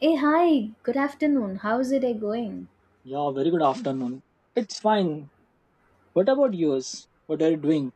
Hey, hi, good afternoon. How's it going? Yeah, very good afternoon. It's fine. What about yours? What are you doing?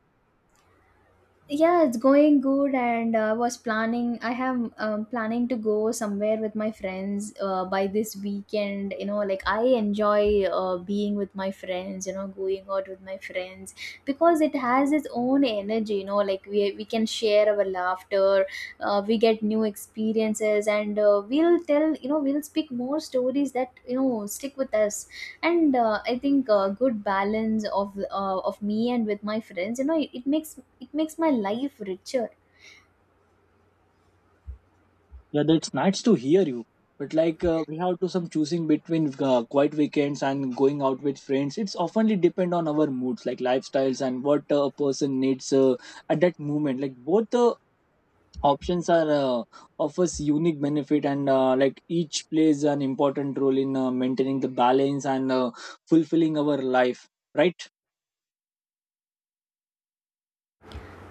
Yeah, it's going good, and I was planning I have planning to go somewhere with my friends by this weekend. You know, like, I enjoy being with my friends, you know, going out with my friends, because it has its own energy. You know, like, we can share our laughter, we get new experiences, and we'll tell, we'll speak more stories that, you know, stick with us. And I think a good balance of me and with my friends, you know, it makes, it makes my life richer. Yeah, that's nice to hear you. But like we have to some choosing between quiet weekends and going out with friends. It's oftenly depend on our moods, like lifestyles and what a person needs at that moment. Like both options are offers unique benefit and like each plays an important role in maintaining the balance and fulfilling our life, right?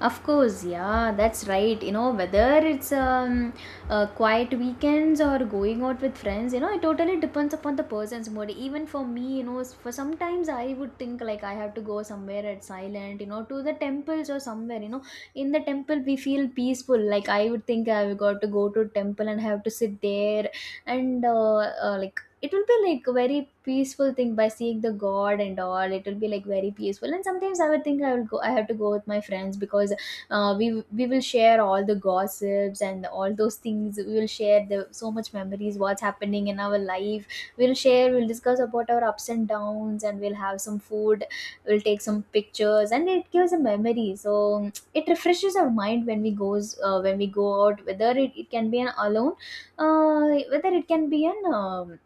Of course, yeah, that's right. You know, whether it's quiet weekends or going out with friends, you know, it totally depends upon the person's mood. Even for me, you know, for sometimes I would think like I have to go somewhere at silent, you know, to the temples or somewhere, you know. In the temple we feel peaceful. Like, I would think I've got to go to temple and have to sit there. And like, it will be like a very peaceful thing, by seeing the god and all, it will be like very peaceful. And sometimes I would think I will go I have to go with my friends, because uh, we we will share all the gossips and all those things. We will share the so much memories, what's happening in our life. We'll share, we'll discuss about our ups and downs, and we'll have some food, we'll take some pictures, and it gives a memory. So it refreshes our mind when we goes when we go out, whether it can be an alone, whether it can be an um,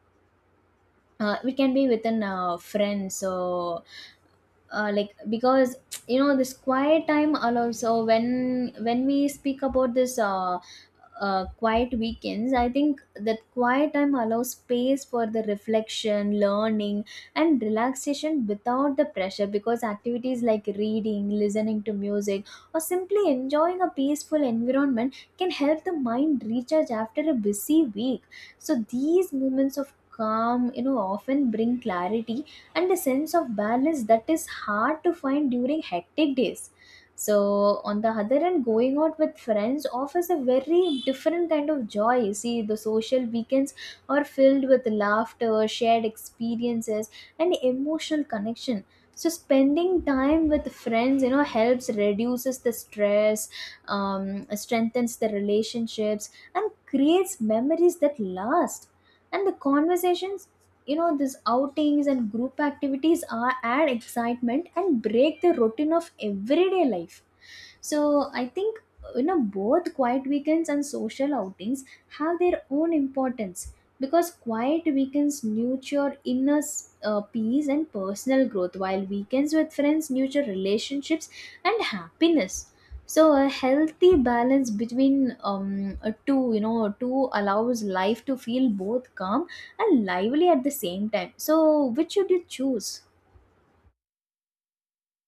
uh, we can be within friends. So, like, because, you know, this quiet time allows, so when we speak about this quiet weekends, I think that quiet time allows space for the reflection, learning, and relaxation without the pressure, because activities like reading, listening to music, or simply enjoying a peaceful environment can help the mind recharge after a busy week. So these moments of calm, you know, often bring clarity and the sense of balance that is hard to find during hectic days. So, on the other hand, going out with friends offers a very different kind of joy. You see, the social weekends are filled with laughter, shared experiences, and emotional connection. So, spending time with friends, you know, helps reduces the stress, strengthens the relationships, and creates memories that last. And the conversations, you know, these outings and group activities are add excitement and break the routine of everyday life. So I think, you know, both quiet weekends and social outings have their own importance, because quiet weekends nurture inner peace and personal growth, while weekends with friends nurture relationships and happiness. So a healthy balance between two, you know, two allows life to feel both calm and lively at the same time. So which should you choose?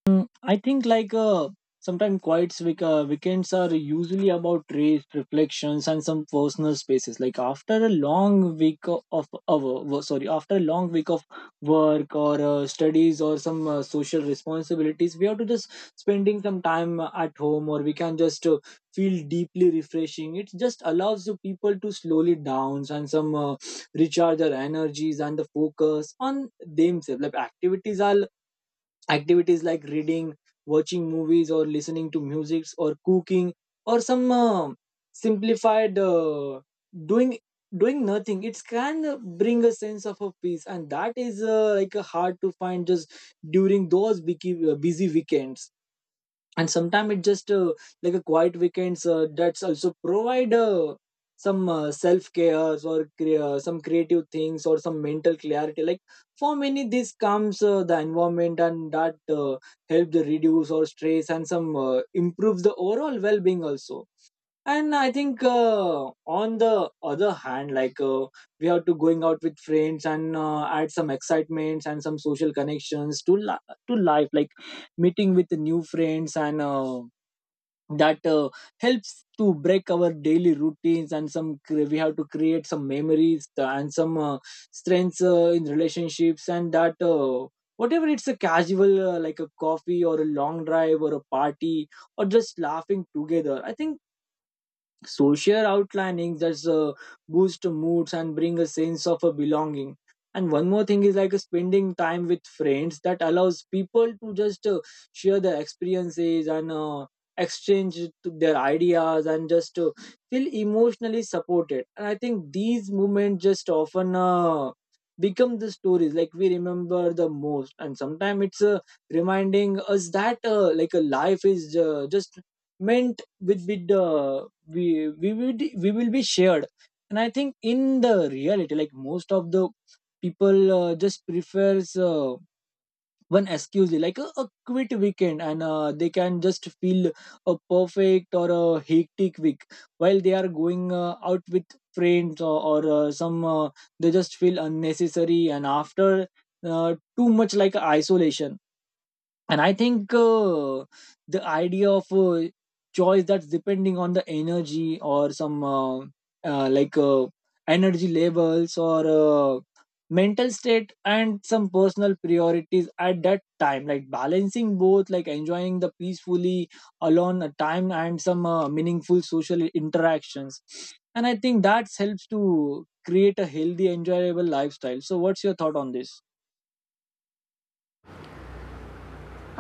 Mm, I think like sometimes quiet weekends are usually about rest, reflections, and some personal spaces. Like after a long week sorry, after a long week of work or studies or some social responsibilities, we have to just spending some time at home, or we can just feel deeply refreshing. It just allows the people to slowly downs and some recharge their energies and the focus on themselves. Activities like reading, watching movies, or listening to music, or cooking, or some simplified doing doing nothing. It can bring a sense of a peace, and that is hard to find just during those busy weekends. And sometimes it just like a quiet weekends that's also provide some self cares or some creative things or some mental clarity. Like for many this comes the environment, and that help the reduce or stress and some improves the overall well being also. And I think on the other hand, like we have to going out with friends and add some excitements and some social connections to to life. Like meeting with new friends, and that helps to break our daily routines, and some we have to create some memories, and some strengths in relationships. And that whatever it's a casual like a coffee, or a long drive, or a party, or just laughing together. I think social outlining that's boost moods and bring a sense of a belonging. And one more thing is, like spending time with friends that allows people to just share their experiences and exchange to their ideas and just feel emotionally supported. And I think these moments just often become the stories, like we remember the most. And sometimes it's reminding us that like a life is just meant with the we will be shared. And I think in the reality, like most of the people just prefers one excuse like a quit weekend, and they can just feel a perfect or a hectic week, while they are going out with friends, or some they just feel unnecessary, and after too much like isolation. And I think the idea of choice that's depending on the energy, or some uh, like uh, energy levels, or mental state, and some personal priorities at that time. Like balancing both, like enjoying the peacefully alone time, and some meaningful social interactions. And I think that helps to create a healthy enjoyable lifestyle. So what's your thought on this?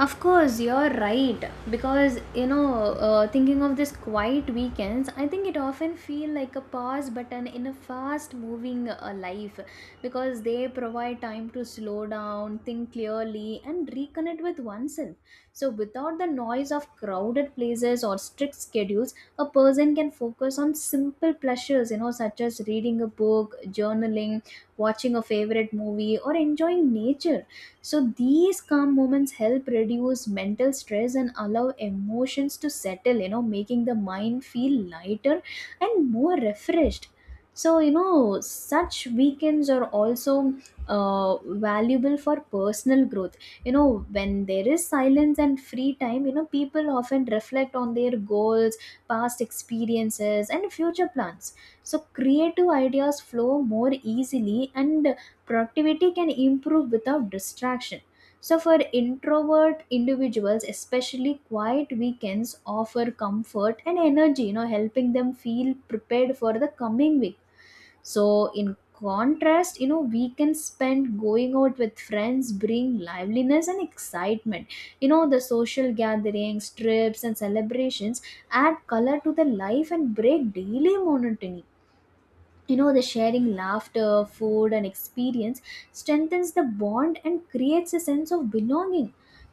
Of course, you're right. Because, you know, thinking of this quiet weekends, I think it often feel like a pause button in a fast moving life, because they provide time to slow down, think clearly, and reconnect with oneself. So, without the noise of crowded places or strict schedules, a person can focus on simple pleasures, you know, such as reading a book, journaling, watching a favorite movie, or enjoying nature. So these calm moments help reduce mental stress and allow emotions to settle, you know, making the mind feel lighter and more refreshed. So, you know, such weekends are also valuable for personal growth. You know, when there is silence and free time, you know, people often reflect on their goals, past experiences, and future plans. So, creative ideas flow more easily and productivity can improve without distraction. So for introvert individuals especially, quiet weekends offer comfort and energy, you know, helping them feel prepared for the coming week. So, in contrast, you know, weekends spent going out with friends bring liveliness and excitement. You know, the social gatherings, trips, and celebrations add color to the life and break daily monotony. You know, the sharing laughter, food, and experience strengthens the bond and creates a sense of belonging.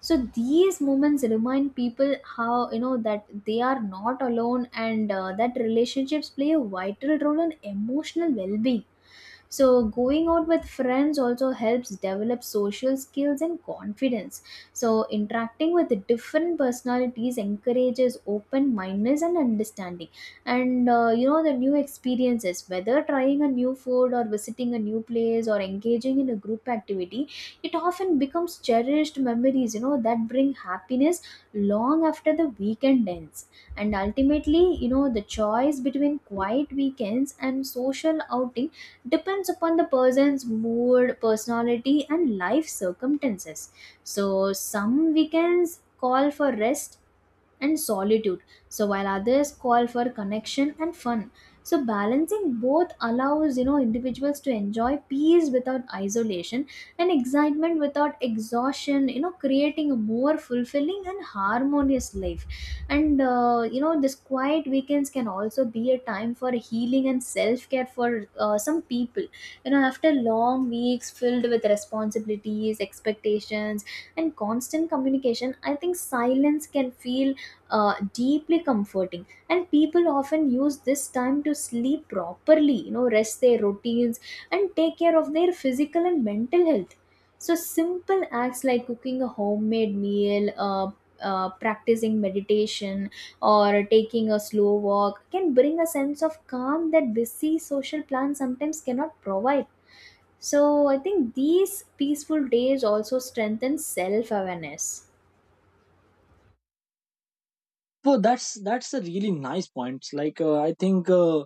So these moments remind people how, you know, that they are not alone, and that relationships play a vital role in emotional well-being. So going out with friends also helps develop social skills and confidence. So interacting with different personalities encourages open mindedness and understanding. And you know, the new experiences, whether trying a new food or visiting a new place or engaging in a group activity, it often becomes cherished memories, you know, that bring happiness long after the weekend ends. And ultimately, you know, the choice between quiet weekends and social outing depends upon the person's mood, personality, and life circumstances. So some weekends call for rest and solitude. So while others call for connection and fun. So balancing both allows, you know, individuals to enjoy peace without isolation and excitement without exhaustion, you know, creating a more fulfilling and harmonious life. And you know, this quiet weekends can also be a time for healing and self-care for some people. You know, after long weeks filled with responsibilities, expectations, and constant communication, I think silence can feel deeply comforting, and people often use this time to sleep properly, you know, rest their routines and take care of their physical and mental health. So simple acts like cooking a homemade meal, practicing meditation, or taking a slow walk can bring a sense of calm that busy social plans sometimes cannot provide. So I think these peaceful days also strengthen self awareness. So that's a really nice point. Like I think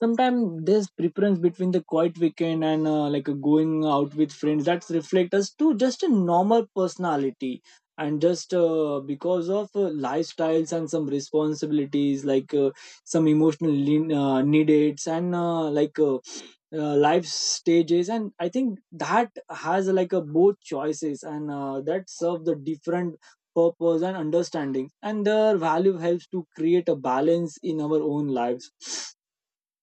sometimes there's preference between the quiet weekend and like a going out with friends that reflect us to just a normal personality, and just because of lifestyles and some responsibilities, like some emotional lean, needs and life stages. And I think that has like a both choices, and that serve the different purpose, and understanding and their value helps to create a balance in our own lives.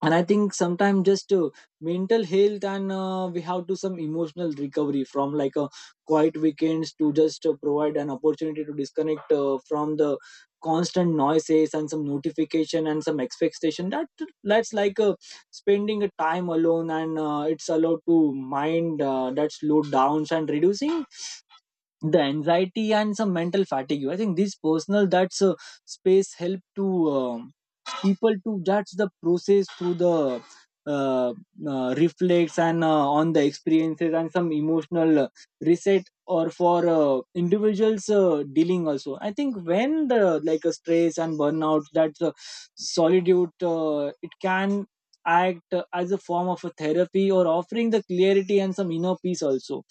And I think sometimes just mental health, and we have to some emotional recovery from like a quiet weekends to just provide an opportunity to disconnect from the constant noises and some notification and some expectation that that's like spending a time alone, and it's allowed to mind that slow downs and reducing the anxiety and some mental fatigue. I think this personal that's a space help to um, people to judge the process through the uh, reflects and on the experiences, and some emotional reset or for individuals dealing also. I think when the like a stress and burnout, that's a solitude it can act as a form of a therapy, or offering the clarity and some inner peace also.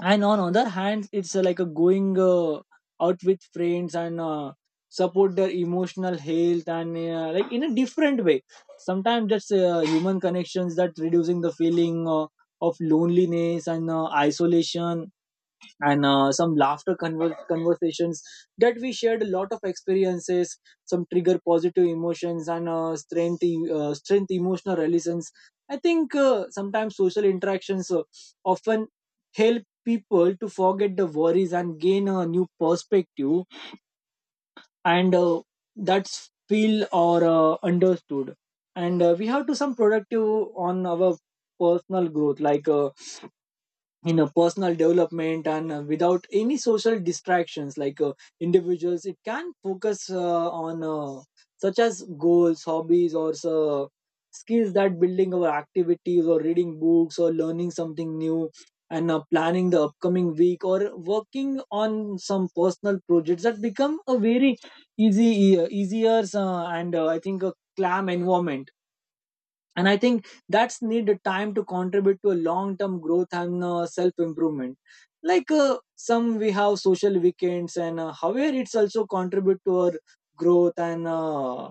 And on other hand it's like a going out with friends, and support their emotional health and like in a different way. Sometimes that's human connections that reducing the feeling of loneliness and isolation. And some laughter conversations, that we shared a lot of experiences, some trigger positive emotions, and strength emotional resilience. I think sometimes social interactions often help people to forget the worries and gain a new perspective. And that's feel or understood. And we have to some productive on our personal growth. Like you know, personal development, and without any social distractions, like individuals it can focus on such as goals, hobbies, or so, skills that building our activities, or reading books, or learning something new, and planning the upcoming week, or working on some personal projects, that become a very easy easier and I think a calm environment. And I think that's need a time to contribute to a long term growth and self improvement. Like some we have social weekends, and however it's also contribute to our growth and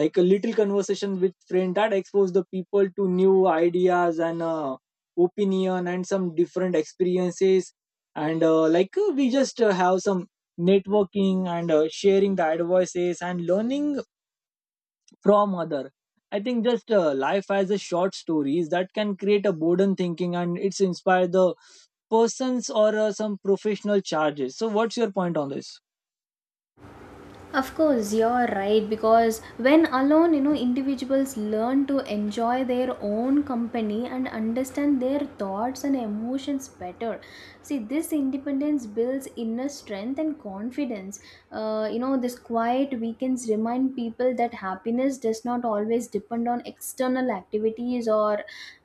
like a little conversation with friend that expose the people to new ideas, and opinion and some different experiences. And we just have some networking, and sharing the advices and learning from other. I think just life as a short stories that can create a boredom thinking, and it's inspired the persons or some professional charges. So what's your point on this? Of course, you're right, because when alone, you know, individuals learn to enjoy their own company and understand their thoughts and emotions better. See, this independence builds inner strength and confidence. You know, this quiet weekends remind people that happiness does not always depend on external activities or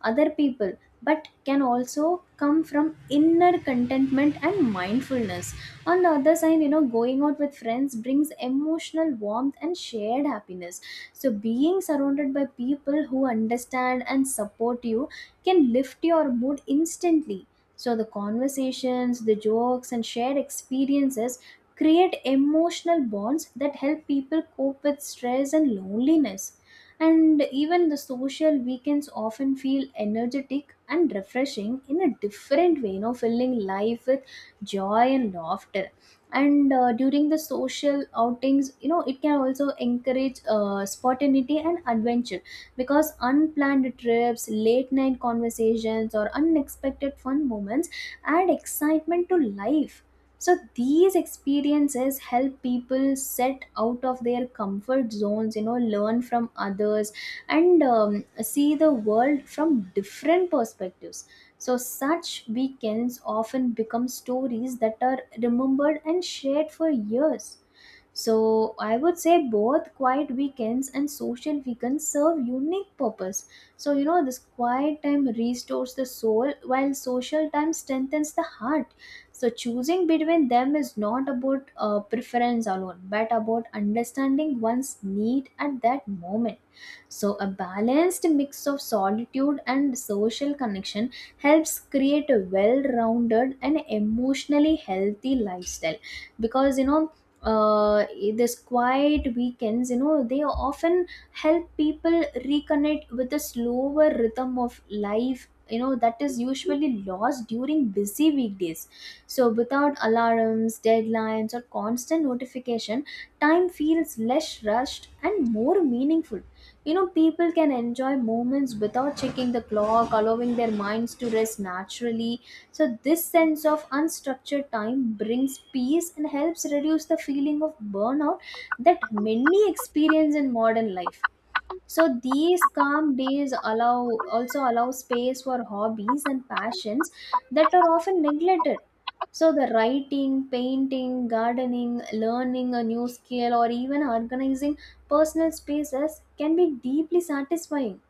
other people, but can also come from inner contentment and mindfulness. On the other side, you know, going out with friends brings emotional warmth and shared happiness. So, being surrounded by people who understand and support you can lift your mood instantly. So, the conversations, the jokes, and shared experiences create emotional bonds that help people cope with stress and loneliness. And even the social weekends often feel energetic and refreshing in a different way, you know, filling life with joy and laughter. And during the social outings, you know, it can also encourage spontaneity and adventure, because unplanned trips, late night conversations, or unexpected fun moments add excitement to life. So these experiences help people set out of their comfort zones, you know, learn from others, and see the world from different perspectives. So such weekends often become stories that are remembered and shared for years. So I would say both quiet weekends and social weekends serve unique purpose. So, you know, this quiet time restores the soul while social time strengthens the heart. So choosing between them is not about preference alone, but about understanding one's need at that moment. So, a balanced mix of solitude and social connection helps create a well rounded and emotionally healthy lifestyle, because you know. Uh, this quiet weekends, you know, they often help people reconnect with the slower rhythm of life, you know, that is usually lost during busy weekdays. So, without alarms, deadlines, or constant notification, time feels less rushed and more meaningful. You know, people can enjoy moments without checking the clock, allowing their minds to rest naturally. So, this sense of unstructured time brings peace and helps reduce the feeling of burnout that many experience in modern life. So these calm days allow also allow space for hobbies and passions that are often neglected. So the writing, painting, gardening, learning a new skill, or even organizing personal spaces can be deeply satisfying.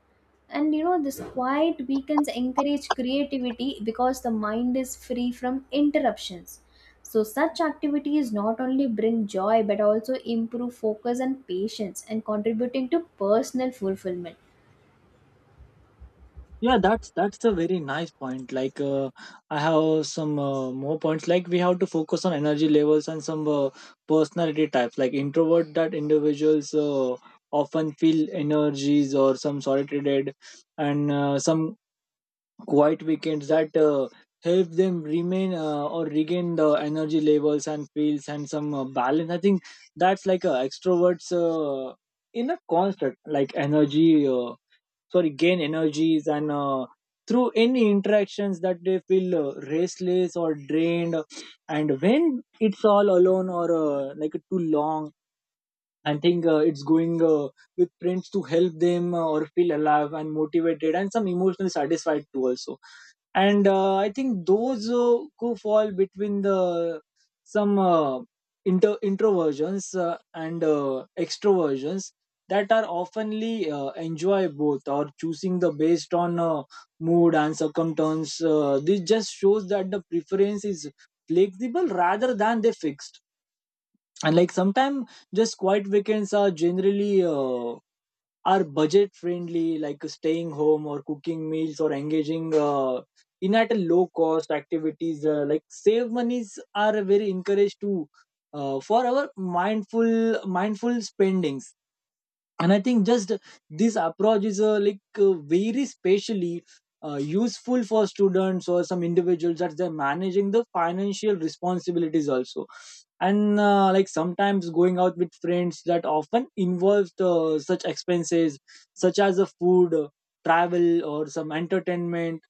And you know, this quiet weekends encourage creativity because the mind is free from interruptions. So, such activities not only bring joy but also improve focus and patience, and contributing to personal fulfillment. Yeah, that's a very nice point. Like I have some more points, like we have to focus on energy levels and some personality types, like introvert that individuals often feel energies or some solitude, and some quiet weekends that help them remain or regain the energy levels and feels and some balance. I think that's like extroverts in a constant like energy sorry, gain energies, and through any interactions that they feel restless or drained. And when it's all alone or like too long, I think it's going with prints to help them or feel alive and motivated and some emotionally satisfied too also. And I think those who fall between the some introversions and extroversions, that are oftenly enjoy both or choosing the based on mood and circumstance. This just shows that the preference is flexible rather than they fixed. And like sometimes just quiet weekends are generally are budget friendly, like staying home, or cooking meals, or engaging in at a low cost activities like save monies are very encouraged to for our mindful spendings. And I think just this approach is very specially useful for students or some individuals that they're managing the financial responsibilities also. And like sometimes going out with friends that often involves such expenses, such as the food, travel, or some entertainment.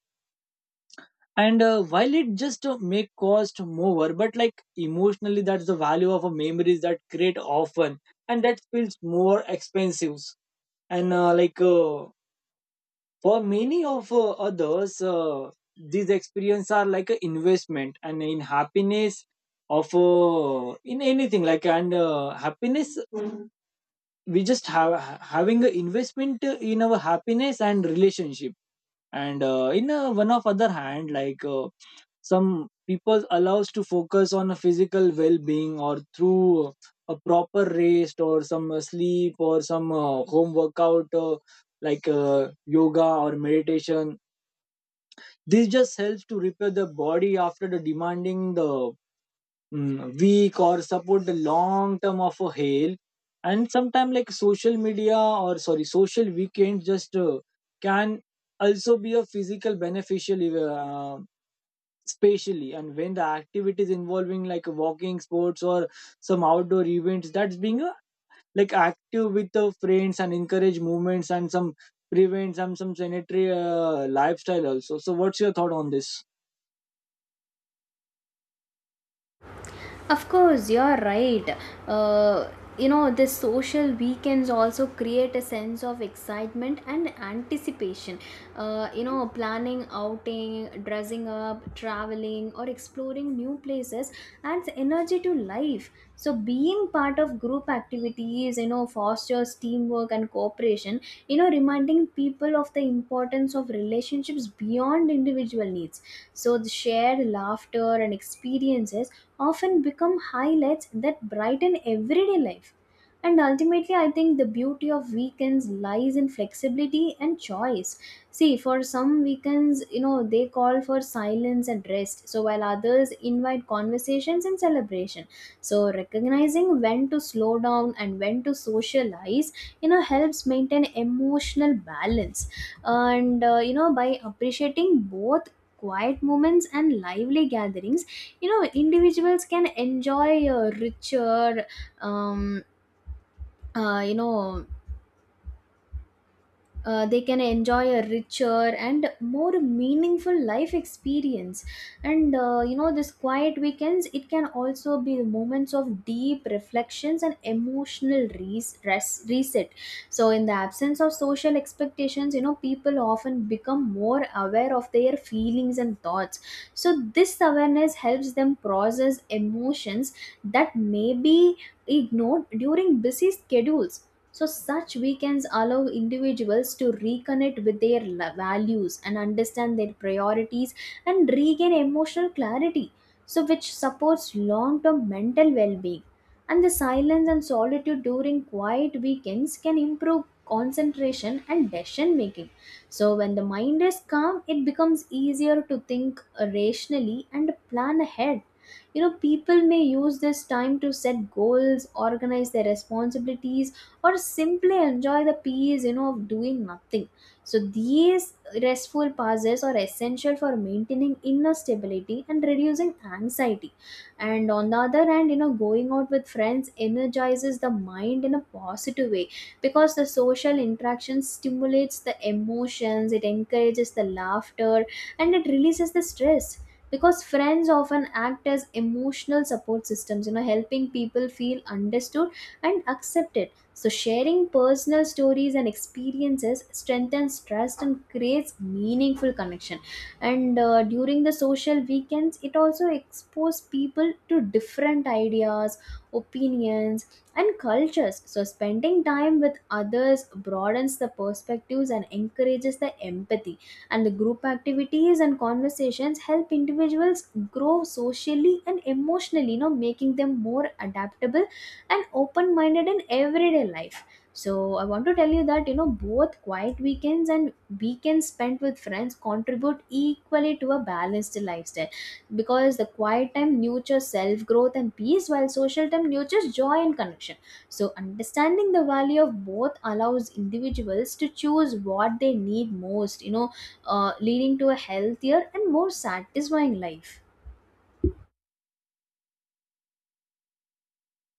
And while it just may cost more, but like emotionally that's the value of a memories that create often, and that feels more expensive. And for many of others these experience are like an investment and in happiness of in anything like, and happiness. Mhm. We just have having an investment in our happiness and relationship. And in one of other hand, like some people allows to focus on a physical well-being, or through a proper rest, or some sleep, or some home workout, yoga or meditation. This just helps to repair the body after the demanding the week, or support the long term of a health. And sometimes like social media, or sorry, social weekend just can also be a physical beneficial spatially, and when the activities involving like walking sports or some outdoor events, that's being a, like active with the friends and encourage movements and some prevent some sanitary lifestyle also. So what's your thought on this? Of course, you're right. Uh, you know, the social weekends also create a sense of excitement and anticipation. You know, planning outing, dressing up, traveling, or exploring new places adds energy to life. So, being part of group activities, you know, fosters teamwork and cooperation, you know, reminding people of the importance of relationships beyond individual needs. So the shared laughter and experiences often become highlights that brighten everyday life. And ultimately, I think the beauty of weekends lies in flexibility and choice. See, for some weekends, you know, they call for silence and rest, so while others invite conversations and celebration. So, recognizing when to slow down and when to socialize, you know, helps maintain emotional balance. And, you know, by appreciating both quiet moments and lively gatherings, you know, individuals can enjoy a richer. um, uh, you know they can enjoy a richer and more meaningful life experience. And you know, this quiet weekends, it can also be moments of deep reflections and emotional reset. So in the absence of social expectations, you know, people often become more aware of their feelings and thoughts. So this awareness helps them process emotions that may be ignored during busy schedules. So, such weekends allow individuals to reconnect with their values and understand their priorities, and regain emotional clarity, so which supports long term mental well being. And the silence and solitude during quiet weekends can improve concentration and decision making. So, when the mind is calm, it becomes easier to think rationally and plan ahead. You know, people may use this time to set goals, organize their responsibilities, or simply enjoy the peace, you know, of doing nothing. So these restful pauses are essential for maintaining inner stability and reducing anxiety. And on the other hand, you know, going out with friends energizes the mind in a positive way, because the social interaction stimulates the emotions, it encourages the laughter, and it releases the stress. Because friends often act as emotional support systems, you know, helping people feel understood and accepted. So, sharing personal stories and experiences strengthens trust and creates meaningful connection. And during the social weekends, it also exposes people to different ideas, opinions, and cultures. So, spending time with others broadens the perspectives and encourages the empathy. And the group activities and conversations help individuals grow socially and emotionally, you know, making them more adaptable and open minded in everyday life. So I want to tell you that, you know, both quiet weekends and weekends spent with friends contribute equally to a balanced lifestyle, because the quiet time nurtures self growth and peace, while social time nurtures joy and connection. So understanding the value of both allows individuals to choose what they need most, leading to a healthier and more satisfying life.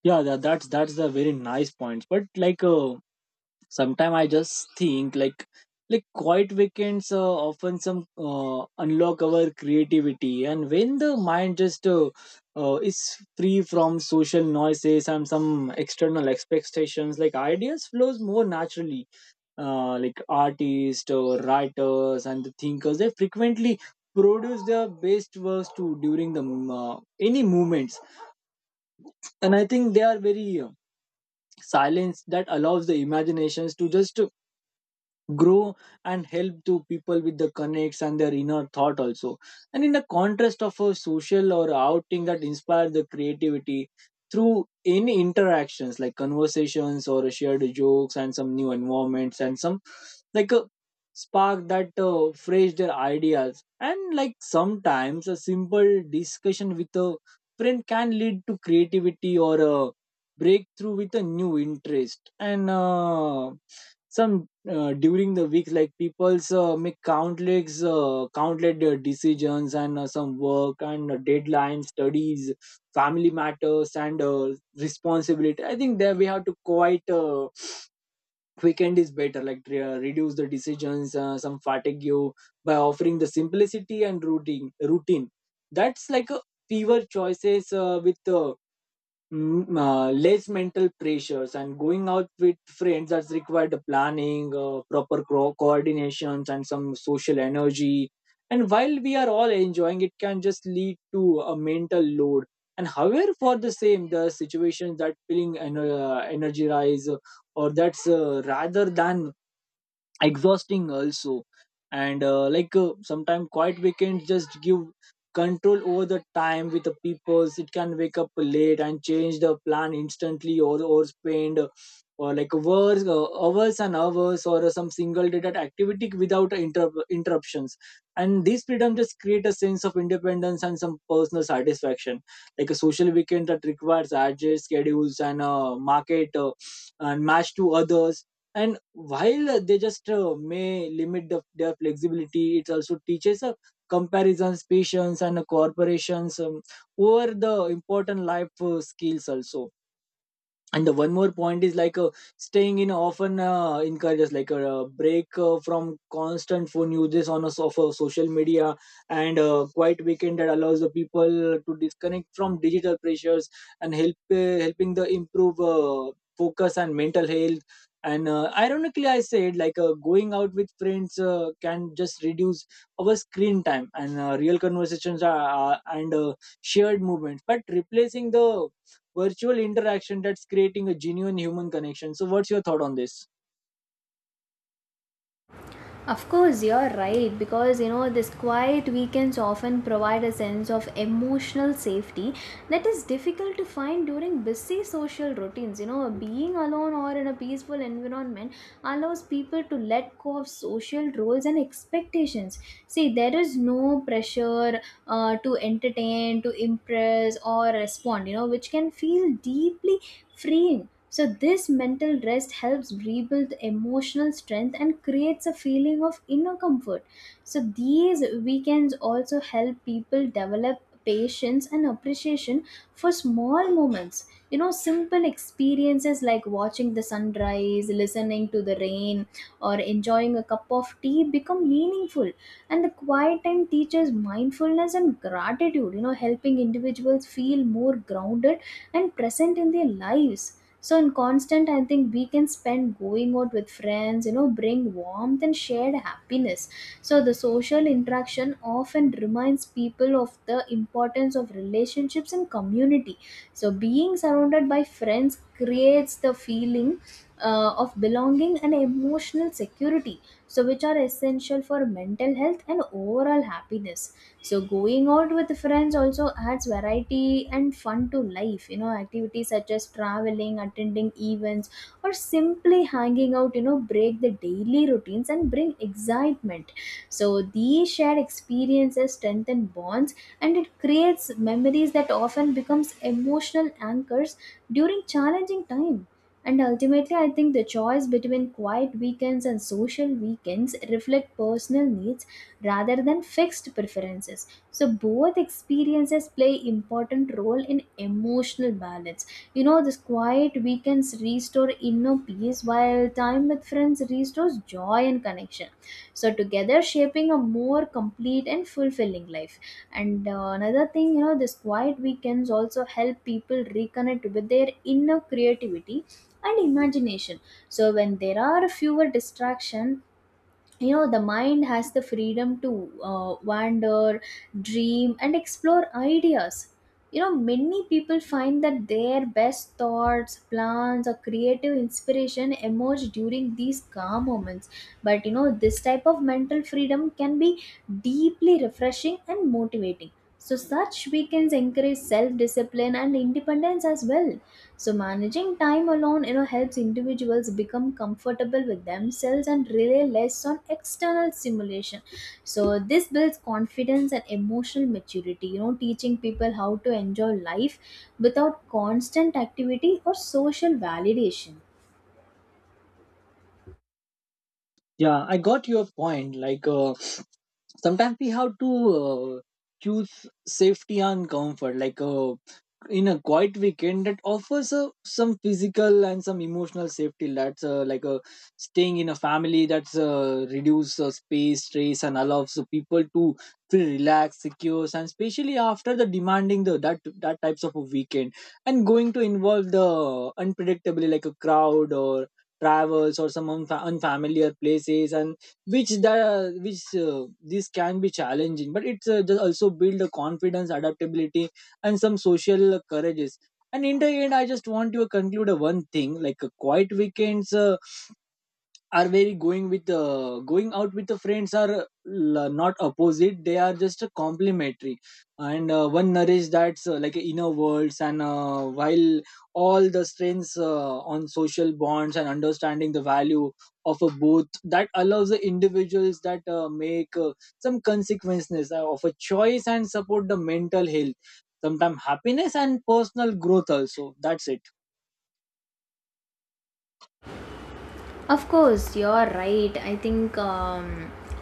Yeah, that's the very nice points, but like sometimes I just think like quiet weekends often some unlock our creativity, and when the mind just is free from social noises and some external expectations, like ideas flows more naturally. Like artists or writers and the thinkers, they frequently produce their best works too during the any movements. And I think they are very silence that allows the imaginations to just grow and help to people with the connects and their inner thought also. And in the contrast of a social or outing that inspire the creativity through any interactions, like conversations or shared jokes and some new environments, and some like a spark that fresh their ideas. And like sometimes a simple discussion with a friend can lead to creativity or a breakthrough with a new interest. And some During the week, like people's make countless decisions and some work and deadlines, studies, family matters, and responsibility. I think that we have to quite weekend is better, like reduce the decisions some fatigue you by offering the simplicity and routine. That's like a fewer choices less mental pressures. And going out with friends has required planning, proper coordinations and some social energy. And while we are all enjoying, it can just lead to a mental load. And however, for the same the situations that feeling energized or that's rather than exhausting also. And like sometimes quiet weekends just give control over the time with the peoples. It can wake up late and change the plan instantly, or spend or like hours and hours or some single day that activity without interruptions. And this freedom just create a sense of independence and some personal satisfaction. Like a social weekend that requires adjust schedules and market and match to others. And while they just may limit their flexibility, it also teaches comparisons, patience, and corporations, over the important life skills also. And the one more point is like staying in often encourages like a break from constant phone uses on a of social media. And a quiet weekend that allows the people to disconnect from digital pressures and helping the improve focus and mental health. And ironically, I said like going out with friends can just reduce our screen time, and real conversations are, and shared movements, but replacing the virtual interaction that's creating a genuine human connection. So what's your thought on this? Of course, you're right, because you know these quiet weekends often provide a sense of emotional safety that is difficult to find during busy social routines. You know, being alone or in a peaceful environment allows people to let go of social roles and expectations. See, there is no pressure to entertain, to impress, or respond, you know, which can feel deeply freeing. So, this mental rest helps rebuild emotional strength and creates a feeling of inner comfort. So, these weekends also help people develop patience and appreciation for small moments. You know, simple experiences like watching the sunrise, listening to the rain, or enjoying a cup of tea become meaningful. And the quiet time teaches mindfulness and gratitude, you know, helping individuals feel more grounded and present in their lives. So in constant, I think we can spend going out with friends, you know, bring warmth and shared happiness. So the social interaction often reminds people of the importance of relationships and community. So being surrounded by friends creates the feeling of belonging and emotional security, so which are essential for mental health and overall happiness. So going out with friends also adds variety and fun to life. You know, activities such as traveling, attending events, or simply hanging out, you know, break the daily routines and bring excitement. So these shared experiences strengthen bonds, and it creates memories that often becomes emotional anchors during challenging time. And ultimately, I think the choice between quiet weekends and social weekends reflect personal needs rather than fixed preferences. So both experiences play important role in emotional balance. You know, this quiet weekends restore inner peace activities, while time with friends restores joy and connection. So, together shaping a more complete and fulfilling life. And another thing, you know, this quiet weekends also help people reconnect with their inner creativity and imagination. So, when there are fewer distractions, you know, the mind has the freedom to wander, dream and explore ideas. You know, many people find that their best thoughts, plans or creative inspiration emerge during these calm moments. But you know this type of mental freedom can be deeply refreshing and motivating. So, such weekends encourage self discipline and independence as well. So, managing time alone, you know, helps individuals become comfortable with themselves and rely less on external stimulation. So, this builds confidence and emotional maturity, you know, teaching people how to enjoy life without constant activity or social validation. Yeah, I got your point. Like sometimes we have to uh, choose safety and comfort. Like in a quiet weekend, that offers a, some physical and some emotional safety. That's like a staying in a family. That's reduce space stress and allows the people to feel relaxed, secure, and especially after the demanding the that that types of a weekend. And going to involve the unpredictably, like a crowd or travels or some unfamiliar places, and which the which this can be challenging, but it's just also build a confidence, adaptability, and some social courages. And in the end, I just want to conclude a one thing, like a quiet weekends are very going with going out with the friends are not opposite, they are just complementary. And one nourish that's like inner worlds, and while all the strengths on social bonds and understanding the value of a both, that allows the individuals that make some consequences of a choice and support the mental health, sometimes happiness and personal growth also. That's it. Of course, you're right. I think,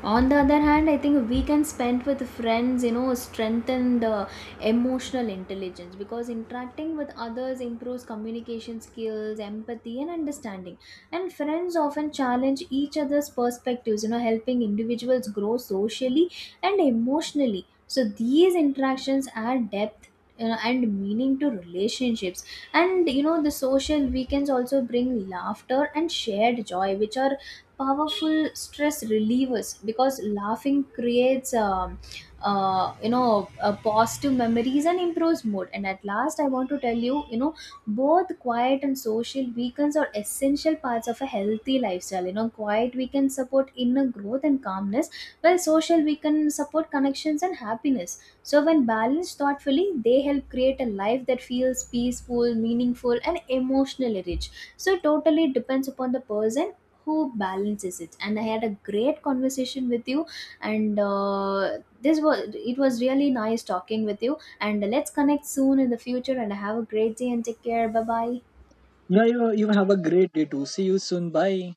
on the other hand, I think we can spend with friends, you know, strengthen the emotional intelligence because interacting with others improves communication skills, empathy, and understanding. And friends often challenge each other's perspectives, you know, helping individuals grow socially and emotionally. So these interactions add depth, you know, and meaning to relationships. And you know the social weekends also bring laughter and shared joy, which are powerful stress relievers, because laughing creates positive memories and improves mood. And at last I want to tell you, you know, both quiet and social weekends are essential parts of a healthy lifestyle. You know, quiet weekends support inner growth and calmness, while social weekends support connections and happiness. So, when balanced thoughtfully, they help create a life that feels peaceful, meaningful, and emotionally rich. So, it totally depends upon the person who balances it. And I had a great conversation with you, and this was it was really nice talking with you. And let's connect soon in the future. And have a great day and take care. Bye bye. Yeah, you have a great day too. See you soon, bye.